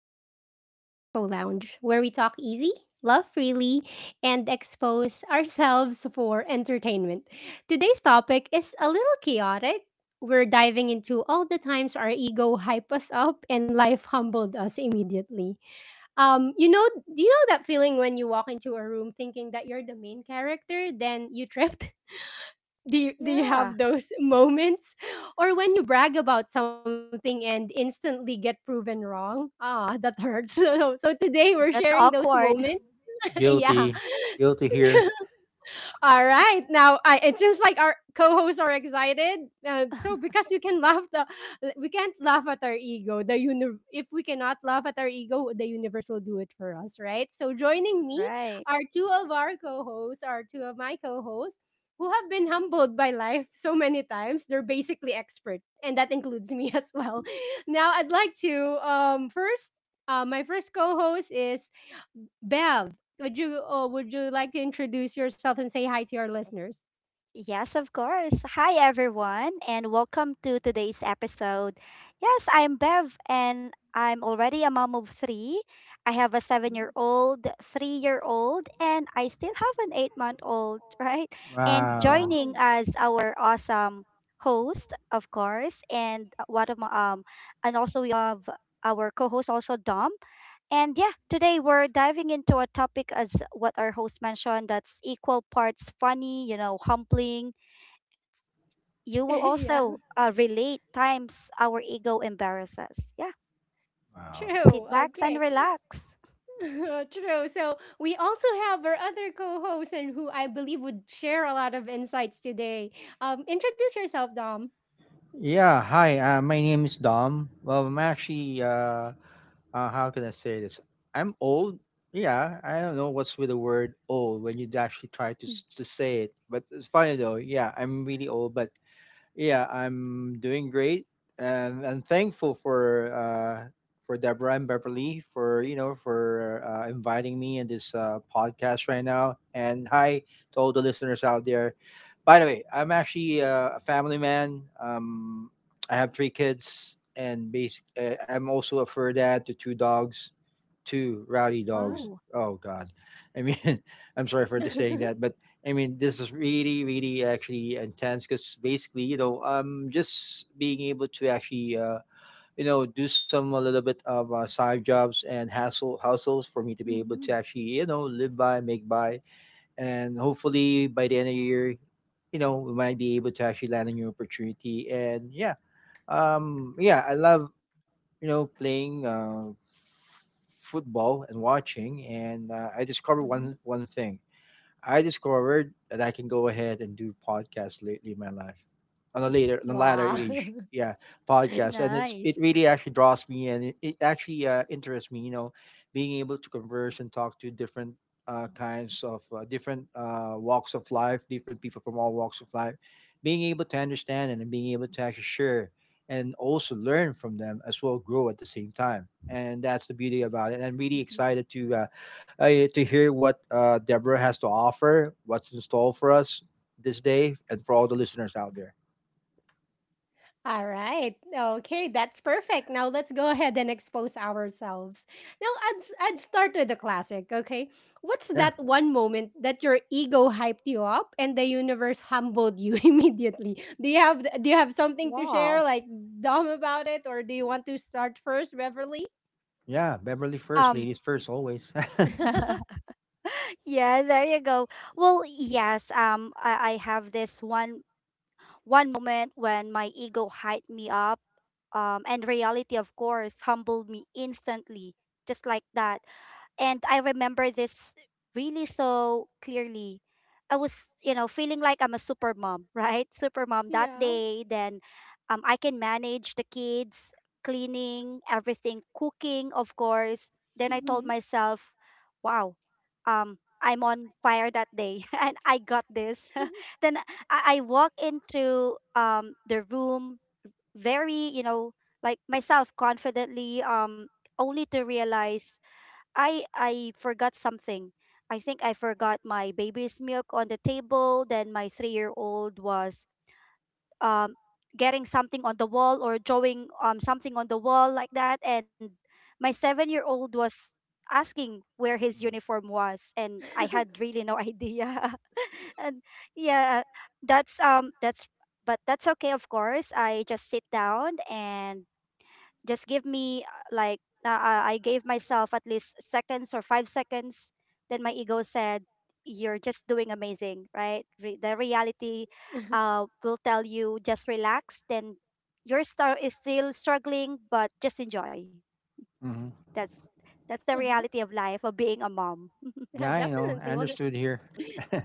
welcome back to Echo Lounge, where we talk easy, love freely, and expose ourselves for entertainment. Today's topic is a little chaotic. We're diving into all the times our ego hyped us up and life humbled us immediately. Do you know that feeling when you walk into a room thinking that you're the main character, then you trip? Do you Yeah, have those moments, or when you brag about something and instantly get proven wrong? That hurts. So today we're that's sharing those awkward, moments. Yeah. Guilty. Guilty. All right. Now, it seems like our co-hosts are excited. So, because we can laugh, the we can't laugh at our ego. If we cannot laugh at our ego, the universe will do it for us, right? So, joining me right? Are two of my co-hosts who have been humbled by life so many times. They're basically expert, and that includes me as well. Now, I'd like to first. My first co-host is Bev. Would you would you like to introduce yourself and say hi to our listeners? Yes, of course. Hi, everyone, and welcome to today's episode. Yes, I'm Bev, and I'm already a mom of three. I have a seven year Mm. old, 3-year-old, and I still have an 8-month-old, right? And Uh, joining Wow. as our awesome host, of course, and what am and also we have our co-host also Dom. And yeah, today we're diving into a topic as what our host mentioned that's equal parts funny, humbling. You will Yeah, also relate times our ego embarrasses. Yeah, true. sit back and Okay. relax. True. So we also have our other co-host, and who I believe would share a lot of insights today. Introduce yourself, Dom. yeah, hi. My name is Dom. Well, I'm actually, how can I say this? I'm old. Yeah, I don't know what's with the word old when you actually try to, Mm. To say it. But it's funny though. Yeah, I'm really old, but yeah, I'm doing great, and I'm thankful for Deborah and Beverly for for inviting me in this podcast right now. And hi to all the listeners out there. By the way, I'm actually a family man. I have 3 kids, and basic. I'm also a fur dad to two dogs, two Oh. rowdy dogs. Wow, Oh God, I mean, I'm sorry for just saying that, but I mean, this is really, really actually intense because basically, just being able to actually, do some a little bit of side jobs and hassle hustles for me to be able Mm-hmm. to actually, live by, make by, and hopefully by the end of the year, we might be able to actually land a new opportunity, and yeah, I love playing football and watching, and I discovered Mm-hmm. one thing. I discovered that I can go ahead and do podcasts lately in my life, on a latter Wow. age. Yeah, podcasts, and it nice. really actually draws me and it actually interests me. You know, being able to converse and talk to different kinds of different walks of life, different people from all walks of life, being able to understand and being able to actually share and also learn from them as well, grow at the same time. And that's the beauty about it. And I'm really Mhm. excited to hear what Deborah has to offer, what's in store for us this day, and for all the listeners out there. All right. Okay, that's perfect. Now let's go ahead and expose ourselves. Now, I'd start with the classic, okay? What's Yeah, that one moment that your ego hyped you up and the universe humbled you immediately? Do you have something to share, Wow. like, dumb about it? Or do you want to start first, Beverly? yeah, Beverly first, Um, ladies first, always. yeah, there you go. Well, yes, I have this one moment when my ego hyped me up, and reality, of course, humbled me instantly, just like that, and I remember this really so clearly. I was, feeling like I'm a super mom, right? Super mom that Yeah. day. Then I can manage the kids, cleaning, everything, cooking, of course. Then I told Mhm. myself, wow, I'm on fire that day, and I got this. Then I walk into the room very, like myself confidently, only to realize I forgot something. I think I forgot my baby's milk on the table. Then my three-year-old was um getting something on the wall or drawing something on the wall like that. And my seven-year-old was asking where his uniform was, and I had really no idea. And yeah, that's um that's that's okay. Of course, I just sit down and just give me like I gave myself at least seconds or 5 seconds. Then my ego said, "You're just doing amazing, right?" The reality will tell you just relax. Then your star is still struggling, but just enjoy. Uh-huh. Hmm, That's that's the reality of life of Yeah, being a mom. definitely. Well, you know, understood here. yeah.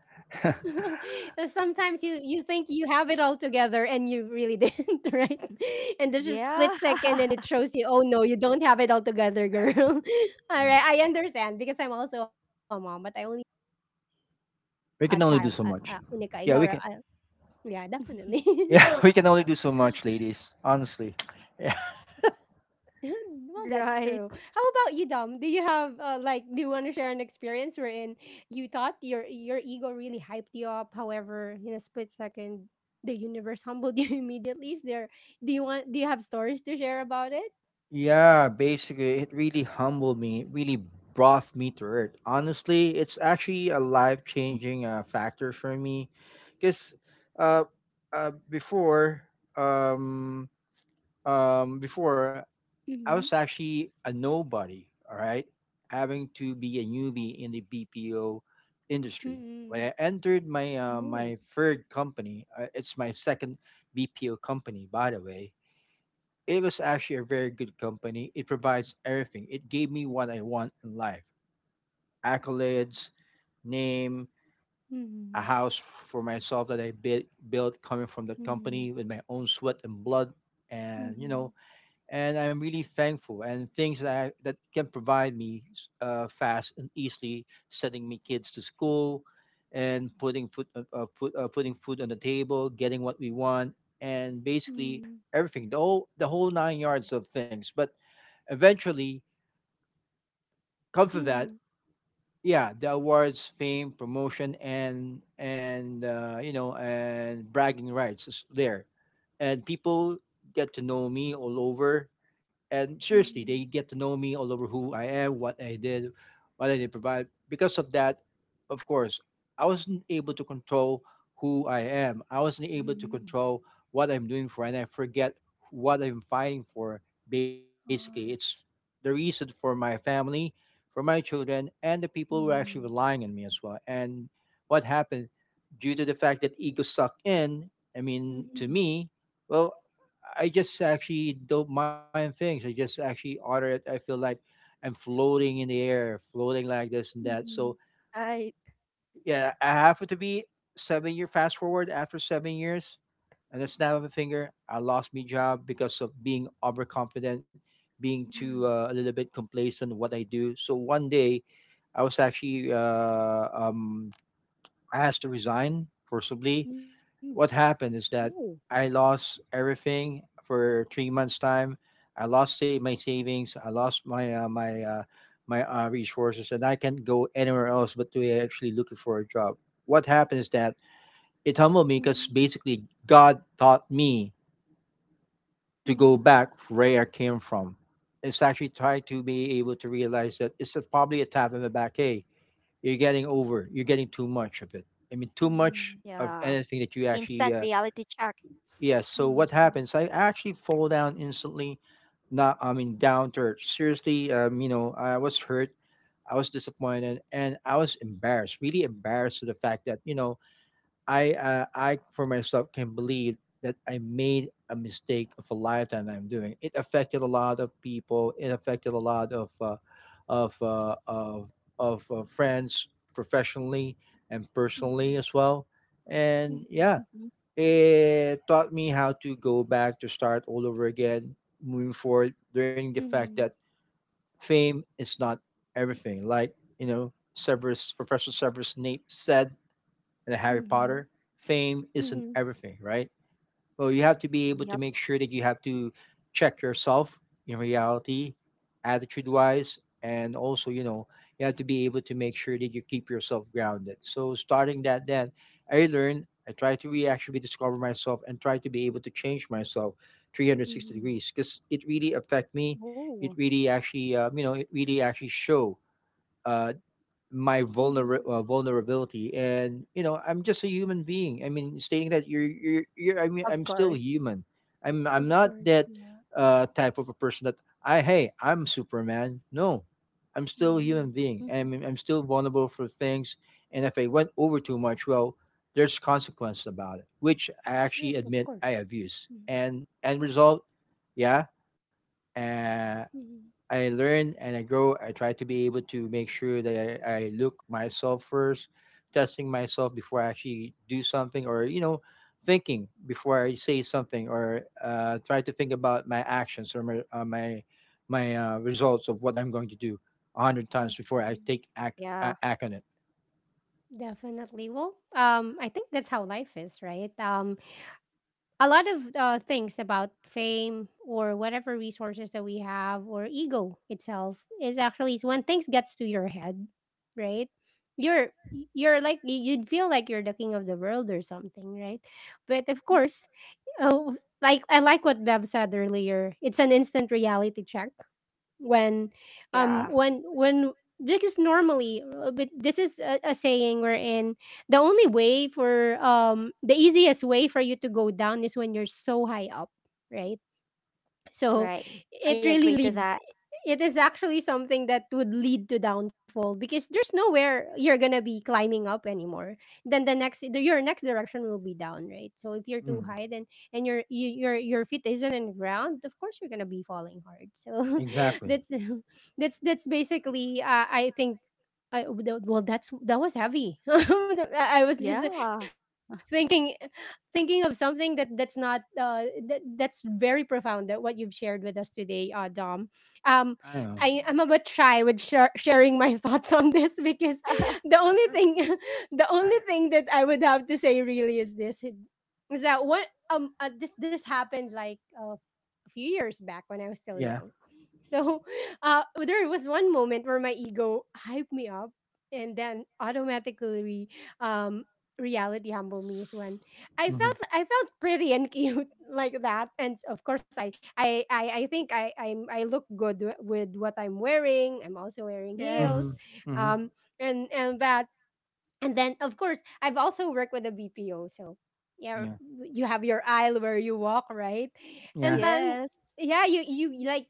Sometimes you think you have it all together and you really didn't, right? And there's just split Yeah. second and it shows you, oh no, you don't have it all together, girl. All right, I understand because I'm also a mom, but I only have a child, a We única can only hija, do or so much. Yeah, we can. yeah, definitely. Yeah, we can only do so much, ladies. Honestly, Well, that's true. Right. How about you, Dom? Do you have Like, do you want to share an experience wherein you thought your ego really hyped you up? However, in a split second, the universe humbled you immediately. Is there Do you have stories to share about it? yeah, basically, it really humbled me. It really brought me to earth. Honestly, it's actually a life changing factor for me, because uh, uh, before, um, before Mm-hmm. I was actually a nobody. All right, having to be a newbie in the BPO industry. When Mm-hmm. I entered Oh. my third company, it's my second BPO company, by the way, it was actually a very good company. It provides everything. It gave me what I want in life, accolades, name, a house for myself that built coming from that Mm-hmm. company Mm-hmm. with my own sweat and blood. And, you know, and I'm really thankful and things that, that can provide me fast and easily, sending me kids to school and putting putting food on the table, getting what we want, and basically everything, the whole nine yards of things, but eventually come to Mm-hmm. that. Mm-hmm. Yeah, the awards, fame, promotion, and you know, and bragging rights is there, and people get to know me all over, and Mm-hmm. seriously, they Mm-hmm. get to know me all over, who I am, what I did, what I did provide because of that. Of course, I wasn't able to control who I am, I wasn't able to Mm-hmm. control what I'm doing for, and I forget what I'm fighting for. Basically, it's Ah. the reason for my family, for my children, and the people who are actually Mm-hmm. relying on me as well. And what happened, due to the fact that ego sucked in, I mean, to Mm-hmm. me, well, I just actually don't mind things. I just actually order it. I feel like I'm floating in the air, floating like this and that. So, Mm-hmm. Right. yeah, I happen to be 7 year fast forward, after 7 years and a snap of a finger, I lost my job because of being overconfident, being too a little bit complacent in what I do. So one day, I was actually asked to resign forcibly. Mm-hmm. Mm-hmm. What happened is that Oh. I lost everything for 3 months' time. I lost my savings. I lost my my my resources, and I can't go anywhere else but to actually looking for a job. What happened is that it humbled me because Mm-hmm. basically God taught me to go back where I came from. It's actually trying to be able to realize that it's probably a tap in the back. Hey, you're getting over. You're getting too much of it. I mean, too much Mm-hmm. of Yeah. anything that you Instant actually. Reality check. Yeah. So Mm, what true. happens? I actually fall down instantly. Not. I mean, down to earth. Seriously. You know, I was hurt. I was disappointed, and I was embarrassed. Really embarrassed to the fact that you know I for myself can believe that I made a mistake of a lifetime that I'm doing. It affected a lot of people. It affected a lot of of uh, of of friends, professionally and personally Mhm, as well. And mhm, yeah, Mhm. it taught me how to go back to start all over again, moving forward. Learning the mhm, fact that fame is not everything. Like you know, Severus Professor Severus Snape said and the Harry mhm, Potter, fame isn't mhm, everything, right? Well, you have to be able to Yep. make sure that you have to check yourself in reality, attitude wise, and also, you know, you have to be able to make sure that you keep yourself grounded. So, starting that, then I learned, I try to re actually discover myself and try to be able to change myself 360 mhm, degrees because it really affect me. Oh, It really actually, you know, it really actually show uh, my mhm. Vulnerability, and you know, I'm just a human being, I mean stating that you're I mean of I'm still course. human. I'm Of not course, that yeah. Type of a person that I'm superman. No, I'm still a human Mm-hmm. being, I mean I'm still vulnerable for things, and if I went over too much, well, there's consequences about it, which I actually Correct, of admit I course. abuse, and end result, yeah. Uh, Mm-hmm. I learn and I grow. I try to be able to make sure that I look myself first, testing myself before I actually do something, or you know, thinking before I say something, or try to think about my actions or my my my results of what I'm going to do 100 times before I take Yeah, act on it. Definitely. Well, I think that's how life is, right? A lot of things about fame or whatever resources that we have, or ego itself, is actually is when things gets to your head, right? You're you're like y- you'd feel like you're the king of the world or something, right? But of course. Oh, like, I like what Bev said earlier, it's an instant reality check. When, yeah, when, because normally, but this is a saying we're in. The only way for um the easiest way for you to go down is when you're so high up, right? So right. I it agree really to that. leads it is actually something that would lead to downfall because there's nowhere you're gonna be climbing up anymore. Then the next your next direction will be down, right? So if you're too Mm, high, then and your you, your feet isn't in the ground, of course you're gonna be falling hard. So exactly. that's that's basically, I think, well, that was heavy. I was just Yeah, thinking thinking of something that that's not that's very profound, that what you've shared with us today, Dom. um I know. I'm a bit shy with sharing my thoughts on this, because the only thing the only thing that I would have to say, really, is this: is that what this happened like, a few years back when I was still Yeah. young. So there was one moment where my ego hyped me up, and then automatically, um reality humbled me, is when I Mm-hmm. felt I felt pretty and cute, like that. And of course, I I think, I look good with what I'm wearing. I'm also wearing Mm-hmm. heels, yes, Mm-hmm. um, and that. And then of course I've also worked with a BPO, so yeah, Yeah. you have your aisle where you walk, right? And Yeah. then, yes. yeah,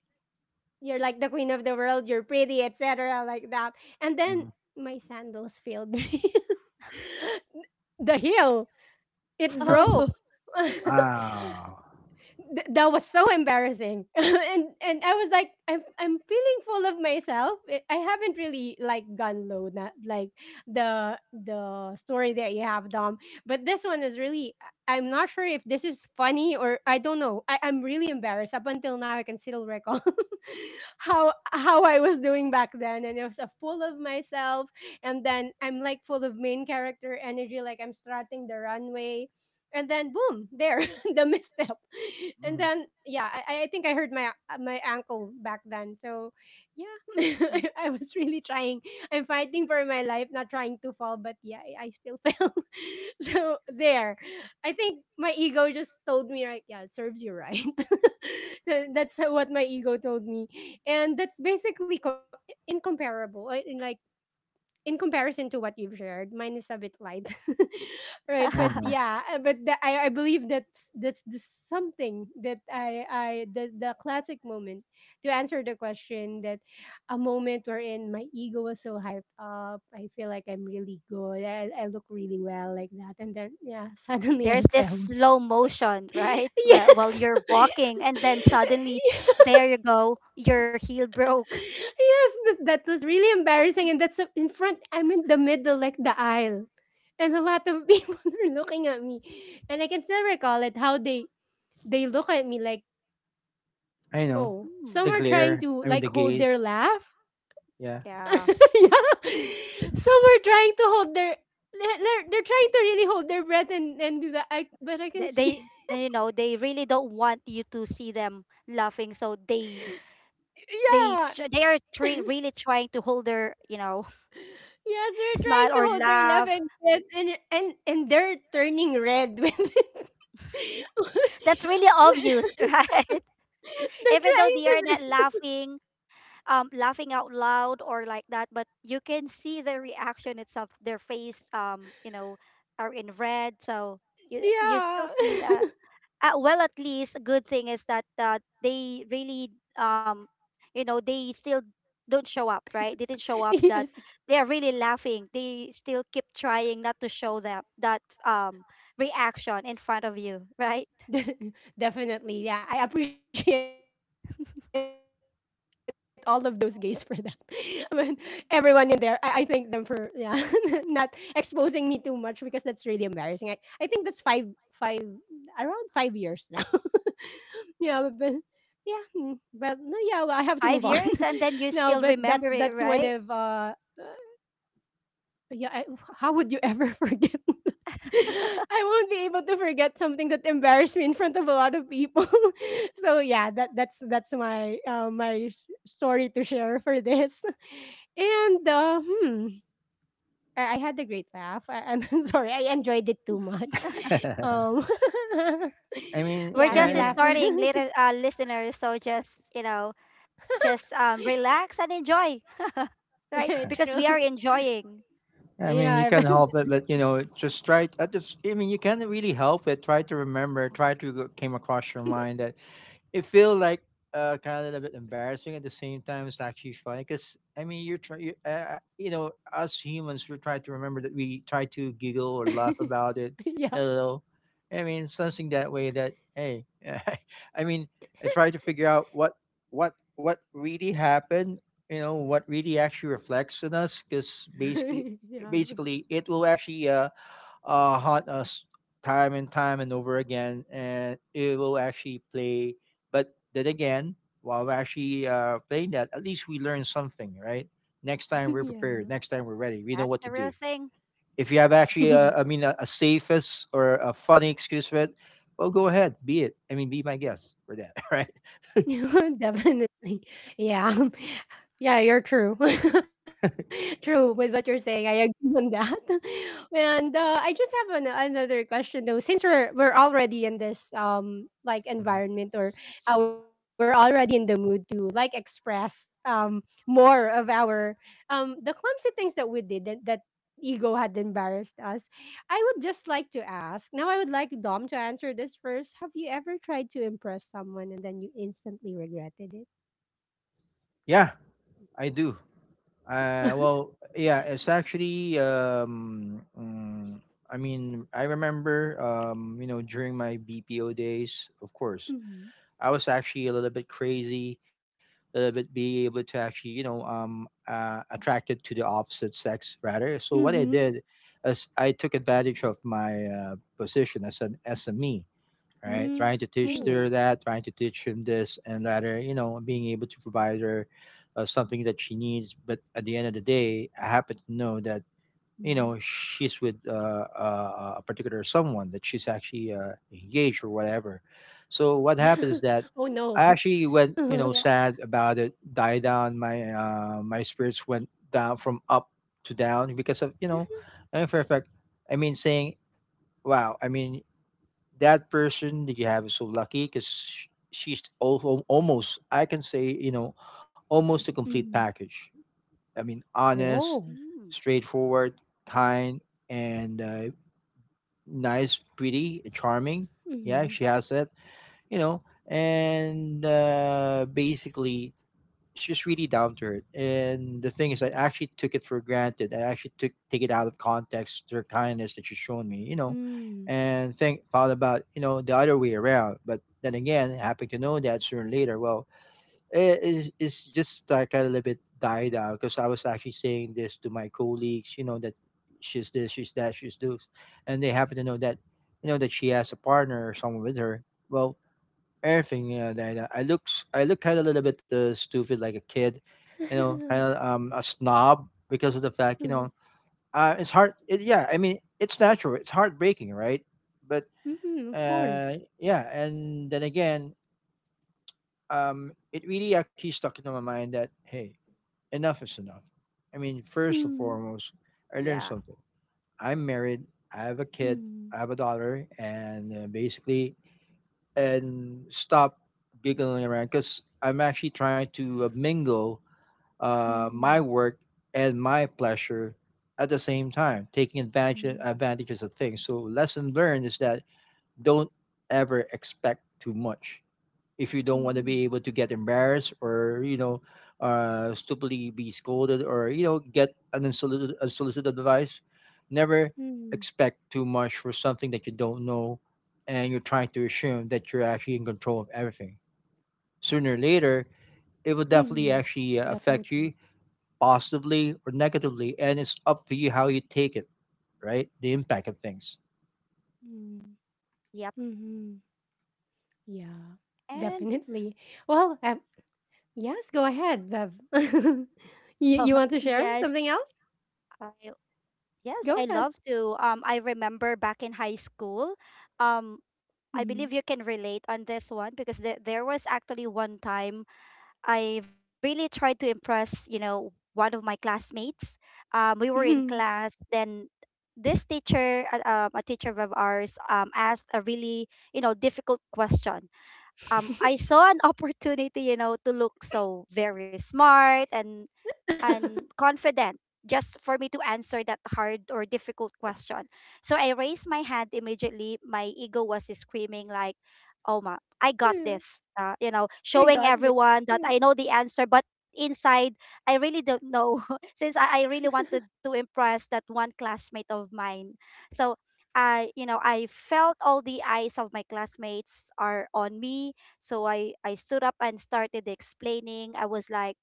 you're like the queen of the world. You're pretty, etc. Like that. And then Mm-hmm. my sandals failed me. The heel, it broke. Oh, Ah. That was so embarrassing, and I was like, I'm feeling full of myself. I haven't really, like, gone low, not like the story that you have, Dom. But this one is really— I'm not sure if this is funny, or I don't know. I'm really embarrassed. Up until now, I can still recall how I was doing back then, and it was a full of myself. And then I'm like full of main character energy, like I'm strutting the runway. And then, boom, there— the misstep. And Mm-hmm. then, yeah, I think I hurt my ankle back then. So yeah, Mm. I was really trying. I'm fighting for my life, not trying to fall, but yeah, I still fell. So there, I think my ego just told me, right? Yeah, it serves you right. That's what my ego told me. And that's basically incomparable. Like, in comparison to what you've shared, mine is a bit light, right? But yeah, but I believe that's the something that I the classic moment, to answer the question, that a moment wherein my ego was so hyped up, I feel like I'm really good, I look really well, like that, and then, yeah, suddenly I There's this fell. slow motion, right? while Yes. you're walking, and then suddenly, there you go, your heel broke. Yes, that was really embarrassing. And that's, in front, I'm in the middle, like the aisle. And a lot of people are looking at me. And I can still recall it, how they look at me like, oh, some I are know. trying to, Mm, like, hold their laugh. Yeah. yeah, Yeah. Some are trying to hold their they're trying to really hold their breath, and do that. I but I can they, see. they, they, they really don't want you to see them laughing, so they, they, Yeah. tr- they are tre- really trying to hold their Yes, they're trying smile to or hold their left laugh. and red, and they're turning red with it. That's really obvious, right? They're Even though trying they are not to. laughing out loud or like that, but you can see their reaction itself, their face, are in red, so you still Yeah. see that. Well, at least a good thing is that they really um they still don't show up, right? They didn't show up that Yes, they are really laughing. They still keep trying not to show them that reaction in front of you, right? Des- definitely, yeah. I appreciate all of those gays for that. I mean, everyone in there, I thank them for, yeah, not exposing me too much because that's really embarrassing. I think that's five five around 5 years now. Yeah, but yeah, well, no, yeah, well, I have to five move on. years and then you No, still but that remember it, that's one right? of— yeah, how would you ever forget that? I won't be able to forget something that embarrassed me in front of a lot of people. So yeah, that's my story to share for this. And hmm, I had a great laugh. I'm sorry, I enjoyed it too much. Um, I mean, yeah, We're me yeah, just laugh. starting, little listeners. So just relax and enjoy, right? Because we are True. enjoying. I mean, you Yeah, can't I've help it, but you know, just try. At this, I mean, you can't really help it. Try to remember. Try to came across your mind that it feel like kind of a little bit embarrassing at the same time. It's actually funny because I mean you know, us humans, we try to remember that, we try to giggle or laugh about it yeah, a little. I mean something that way that hey, I mean I try to figure out what really happened, you know, what really actually reflects on us, because yeah, basically it will actually haunt us time and time and over again, and it will actually play. But then again, while we're actually playing that, at least we learn something, right? Next time we're prepared. yeah. Next time we're ready. We know That's what the to real do. thing. If you have actually, Mhm. I mean, a safest or a funny excuse for it, well, go ahead, be it. I mean, be my guest for that, right? Definitely. Yeah. Yeah, you're true. True with what you're saying. I agree on that. And I just have another question though. Since we're already in this, like, Mhm. environment, or we're already in the mood to, like, express, more of our, the clumsy things that we did, that ego had embarrassed us. I would just like to ask. Now I would like Dom to answer this first. Have you ever tried to impress someone and then you instantly regretted it? Yeah, I do. Well, yeah, it's actually I mean, I remember you know, during my BPO days, of course, Mm-hmm. I was actually a little bit crazy, a little bit be able to actually, attracted to the opposite sex rather. So what I Mhm. did is I took advantage of my position as an SME, right? Trying to Mm. teach her Ooh, that, trying to teach him this and that, or, you know, being able to provide her something that she needs. But at the end of the day, I happen to know that, Mm-hmm. you know, she's with a particular someone that she's actually engaged or whatever. So what happened is Oh that no. I actually went, Uh-huh. you know, yeah, sad about it, died down. My spirits went down from up to down because of, in fact, saying, wow, that person that you have is so lucky because she's almost I can say almost a complete Mm-hmm. package. I mean, honest, mm, Oh. straightforward, kind, and nice, pretty, and charming. Yeah, Mm-hmm. she has that, you know and basically she's really down to earth. And the thing is, I actually took it for granted. I actually took take it out of context, her kindness that she's shown me, you know, Mm. and think thought about, you know, the other way around. But then again, happy to know that sooner or later, well, it is it's just like a little bit died out because I was actually saying this to my colleagues, you know, that she's this, she's that, she's this, and they happen to know that you know that she has a partner or someone with her. Well, everything, yeah, that I look kind of a little bit stupid like a kid, you know, kind of a snob because of the fact, you Mm-hmm. know, it's hard yeah, I mean, it's natural, it's heartbreaking, right? But Mm-hmm. Of course. Yeah, and then again, it really actually stuck into my mind that hey, enough is enough. I mean, first and Mm-hmm. foremost, I yeah, learned something. I'm married, I have a kid, Mm-hmm. I have a daughter, and basically, and stop giggling around because I'm actually trying to mingle Mm-hmm. my work and my pleasure at the same time, taking advantages of things. So lesson learned is that don't ever expect too much if you don't want to Mm-hmm. be able to get embarrassed, or you know, stupidly be scolded, or you know, get an unsolicited advice. Never Mm-hmm. expect too much for something that you don't know and you're trying to assume that you're actually in control of everything. Sooner or later, Mm-hmm. it will definitely Definitely. actually affect you positively or negatively, and it's up to you how you take it, right? The impact of things. yep. Mm-hmm. Yeah. And Definitely. Well, yes, go ahead, Bev. you you oh, want to share something yes, else? I Go yes, I ahead. love to. I remember back in high school. Um, I Mhm. believe you can relate on this one because there was actually one time I really tried to impress, one of my classmates. We were in class, then this a teacher of ours, asked a really, difficult question. I saw an opportunity, to look so very smart and confident just for me to answer that hard or difficult question. So I raised my hand immediately. My ego was screaming like, "Oh my, I got Yeah, this." I Showing got this. everyone that I know the answer, but inside I really don't know since I really wanted to impress that one classmate of mine. So I felt all the eyes of my classmates are on me. So I stood up and started explaining. I was like,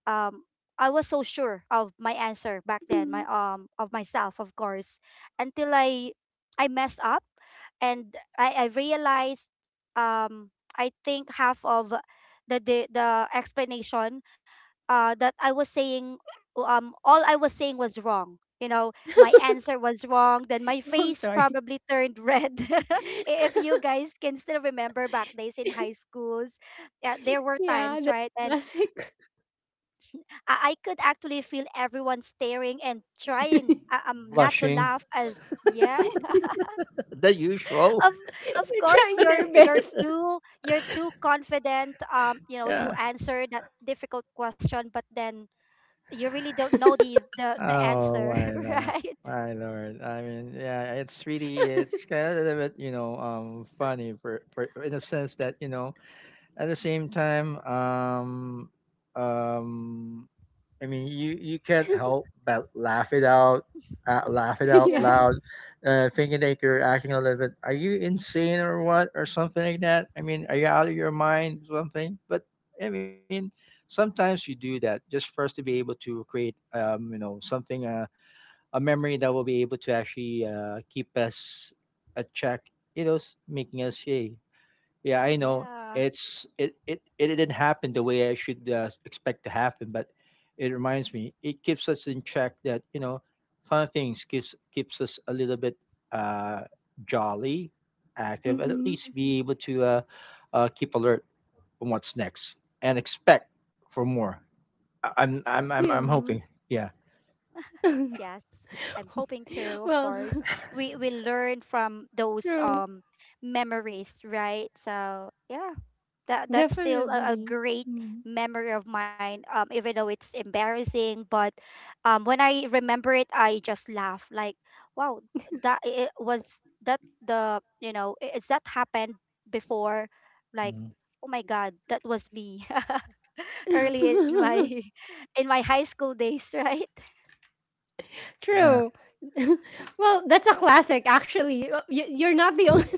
um I was so sure of my answer back Yeah. then, Mhm. my of myself, of course, until I messed up and I realized um I think half of the explanation that I was saying all I was saying was wrong. My answer was wrong. Then my Oh, I'm face sorry. probably turned red. If you guys can still remember back days in high schools, yeah, there were Yeah, times, the right? And classic. I could actually feel everyone staring and trying not to laugh as yeah They're The usual. of of course trying their you're you're best. too you're too confident to Yeah. answer that difficult question, but then you really don't know the Oh answer, my, right. my Lord. I mean, yeah, it's really it's kind of a little bit, you know, funny for in a sense that, you know, at the same time, um I mean, you can't help but laugh it out Yeah. Yes, loud, thinking that you're acting a little bit, are you insane or what or something like that? I mean, are you out of your mind or something? But I mean, sometimes you do that just for us to be able to create you know, something, a memory that will be able to actually keep us a check, you know, making us hey, yeah, I know yeah. it's it it it didn't happen the way I should expect to happen, but it reminds me, it keeps us in check that you know, fun things keeps us a little bit uh, jolly, active, and at Hmm. least Mm-hmm. be able to keep alert on what's next and expect for more. I'm Yeah. hoping, yeah. Yes, I'm hoping to, of Well, course. We learn from those true. Memories, right? So yeah, that's still a Definitely. great Mm. memory of mine. Even though it's embarrassing, but when I remember it, I just laugh. Like, wow, that it was that the is that happened before? Like, Mm, oh my God, that was me early in my in my high school days, right? True. Well, that's a classic, actually. You're not the only—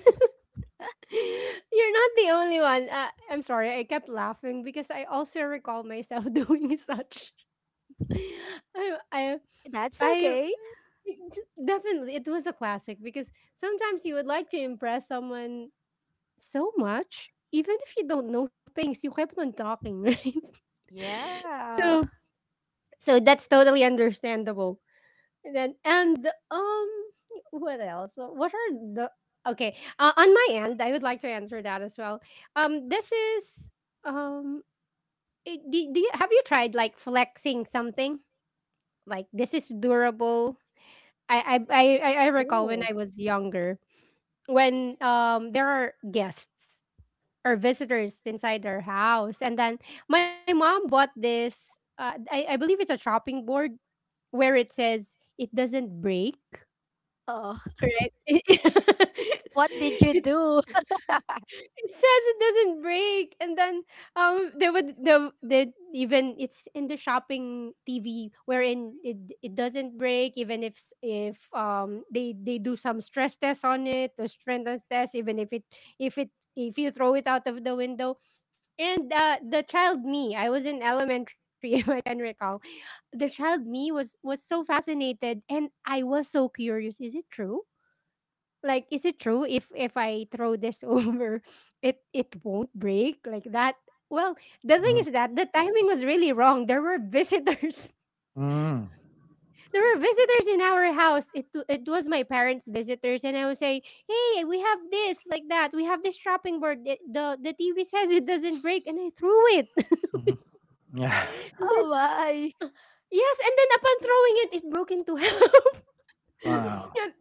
you're not the only one. I'm sorry. I kept laughing because I also recall myself doing such. I, I, That's I okay. definitely it was a classic because sometimes you would like to impress someone so much, even if you don't know things, you kept on talking, right? Yeah. So, so that's totally understandable. And then and what else what are the okay, on my end I would like to answer that as well. This is um do you have you tried like flexing something like this is durable? I recall Oh. when I was younger, when there are guests or visitors inside their house, and then my mom bought this. I believe it's a chopping board where it says it doesn't break. Oh, Right? what did you It do? it says it doesn't break, and then, they would the even it's in the shopping TV wherein it it doesn't break, even if they do some stress test on it, the strength test, even if it if you throw it out of the window. And, the child me, I was in elementary, if I can recall, the child me was so fascinated, and I was so curious. Is it true? Like, is it true if I throw this over, it won't break like that? Well, the thing yeah. is that the timing was really wrong. There were visitors. Mm-hmm. There were visitors in our house. It w- it was my parents' visitors, and I was saying, "Hey, we have this like that. We have this chopping board. The TV says it doesn't break, and I threw it." Yeah. and Oh then my. yes, and then upon throwing it, it broke into half. Wow. Yeah,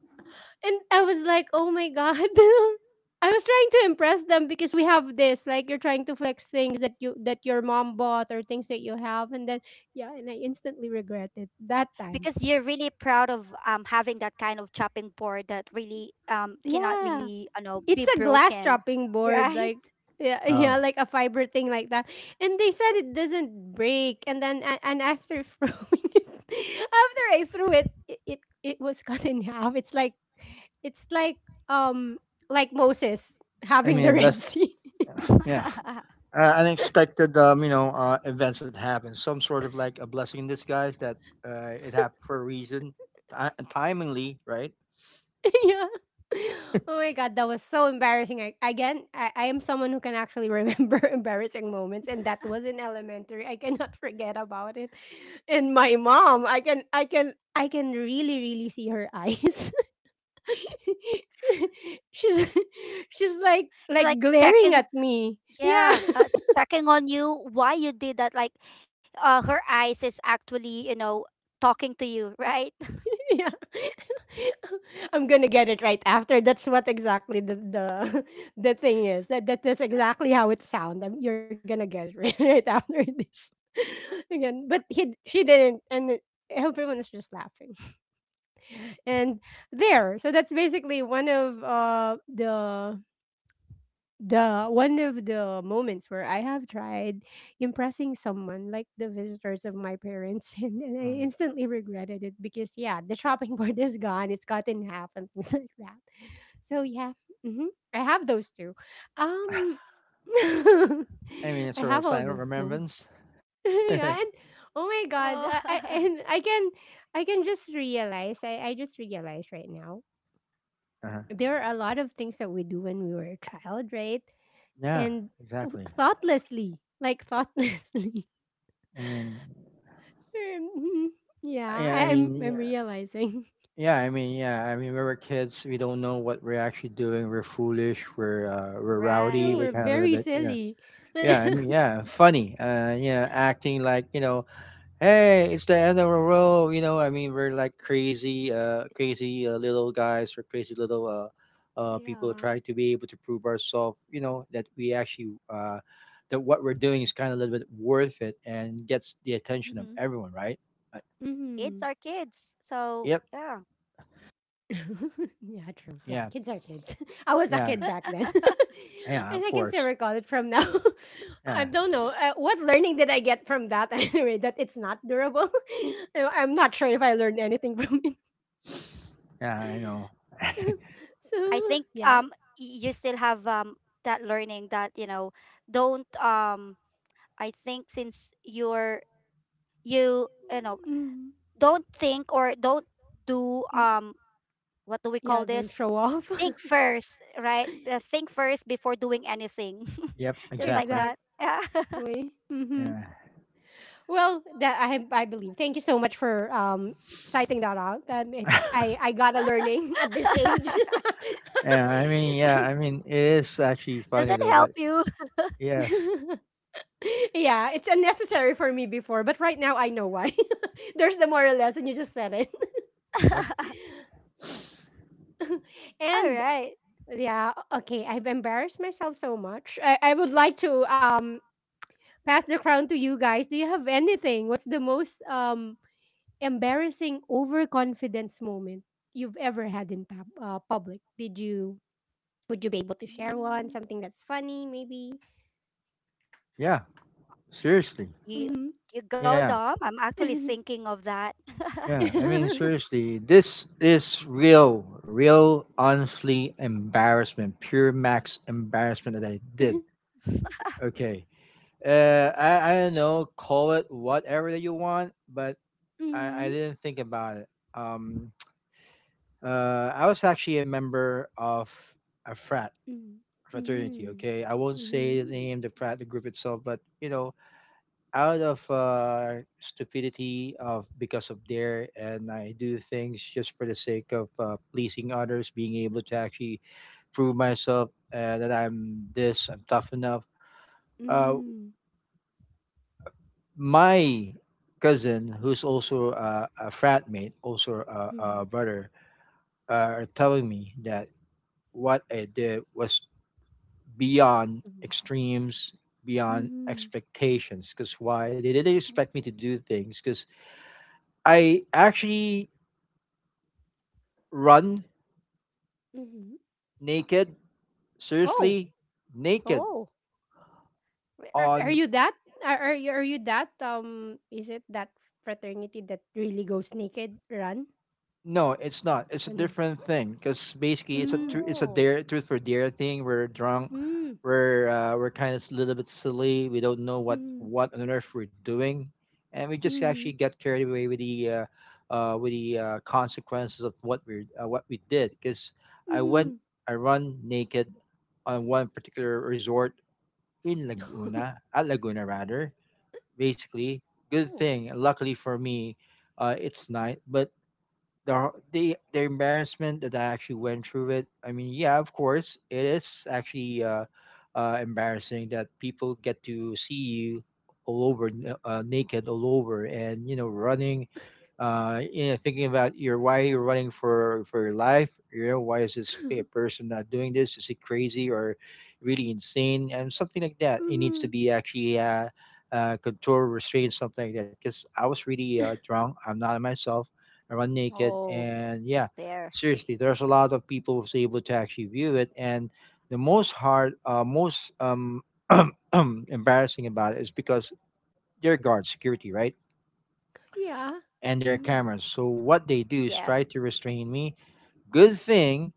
And I was like, "Oh my god." I was trying to impress them because we have this like you're trying to flex things that you that your mom bought, or things that you have, and then yeah, and I instantly regret it that Because time. you're really proud of having that kind of chopping board that really cannot Yeah. really, be It's a glass broken, chopping board, right? like yeah, Uh, yeah, like a fiber thing like that. And they said it doesn't break, and then and after throwing it, after I threw it, it was cut in half. It's um like Moses having the Red Sea. yeah. Unexpected, you know, events that happen. Some sort of like a blessing in disguise that it happened for a reason, Ti timingly, right? yeah. Oh my god, that was so embarrassing. Again, I am someone who can actually remember embarrassing moments, and that was in elementary. I cannot forget about it. And my mom, I can really, really see her eyes. she's, she's It's like like glaring checking, at me. Yeah. yeah, checking on you why you did that. Like, her eyes is actually, talking to you, right? Yeah. I'm gonna get it right after. That's what exactly the thing is. That's exactly how it sounds. You're gonna get it right, right after this. Again, but he she didn't, and it- everyone was just laughing. And there, so that's basically one of the one of the moments where I have tried impressing someone, like the visitors of my parents, and I Mm. instantly regretted it because yeah, the chopping board is gone; it's cut in half and things like that. So yeah, hmm I have those two. Um, I I mean, it's sort have of all sign of those two. remembrance. Uh-huh. Yeah, and oh Oh, my god, I and I can just realize I just realized right now there are a lot of things that we do when we were a child, right? Yeah, And exactly. thoughtlessly, like thoughtlessly. I mean, Mhm. Yeah, yeah, I mean, I'm yeah, realizing. Yeah, I mean, we were kids. We don't know what we're actually doing. We're foolish. We're rowdy. True, We're we're right. kind of a little very bit, you know. silly. Yeah, I mean, yeah, funny. Yeah, acting like, you know, hey, it's the end of the road. You know, I mean, we're like crazy, crazy little guys or crazy little people Yeah. trying to be able to prove ourselves. You know, that we actually that what we're doing is kind of a little bit worth it and gets the attention of Hmm. everyone, right? Uh, Kids are hmm kids. So, yep. yeah. yeah, true. Yeah, Yeah. kids are kids. I was a Yeah. kid back then, and I can still recall it from now. Yeah. I don't know, what learning did I get from that anyway? That it's not durable. I- I'm not sure if I learned anything from it. Yeah. I know. I So think yeah. You still have that learning that don't I think since you're you you know Mm, don't think or don't do mm, what do we call yeah, don't this, show off. think first, right? Think first before doing anything, Yep. Ex- just like that, yeah. Exactly. Hmm. Yeah. Well, that I believe. Thank you so much for citing that out. I got a learning at this age. Yeah. I mean, yeah. I mean, it is actually Does funny. it help you? That's, Yeah, it's unnecessary for me before, but right now I know why. There's the moral lesson. You just said it. yep. All And right. Yeah, okay. I've embarrassed myself so much. I would like to pass the crown to you guys. Do you have anything? What's the most embarrassing overconfidence moment you've ever had in public? Did you would you be able to share one? Mm, Something that's funny, maybe? Yeah. Mm-hmm. Seriously. you you go, Yeah. Dom. I'm Mm-hmm. actually thinking of that. Yeah, I mean, seriously, this is real, honestly embarrassment, pure max embarrassment that I did. Okay, I don't know, call it whatever that you want, but I Mm-hmm. didn't think about it. I was actually a member of a Mm-hmm. fraternity. Okay, I won't Mm-hmm. say the Mm. name, the frat, the group itself, but you know, out of stupidity of because of dare, and I do things just for the sake of pleasing others, being able to actually prove myself, that I'm this, I'm tough enough. uh, Mm-hmm. my cousin who's also a frat mate, also a Mm-hmm. brother, are telling me that what I did was beyond extremes, beyond Mm-hmm. expectations, because why they didn't Mhm. expect me to do things because I actually run Mm-hmm. naked, Oh, seriously, naked, Oh, re- are on you that? Are you are you that? Is it that fraternity that really goes naked? Run? no, it's not, it's a Ano? different thing, because basically it's a Mm. it's a oh. dare, truth for dare thing. We're drunk, Mm. We're kind of a little bit silly, we don't know Mm. what on earth we're doing, and we just actually Mm. get carried away with the consequences of what we did, because i went Mm. I run naked on one particular resort in Laguna rather. Basically, good Ooh. thing, luckily for me, it's night, but the embarrassment that I actually went through it. I mean, yeah, of course, it is actually embarrassing that people get to see you all over, naked, all over, and you know, running. You know, thinking about your why you're running for your life. You know, why is this person not doing this? Is he crazy or really insane? And something like that. It needs to Mhm. be actually. Control restraint, something like that, because I was really drunk, I'm not on myself. I run naked, Oh, and yeah, there. seriously, there's a lot of people who's able to actually view it. And the most hard, most embarrassing about it is because they're guard security, right? Yeah. And they're Mm. cameras, so what they do is try Yes. to restrain me. Good thing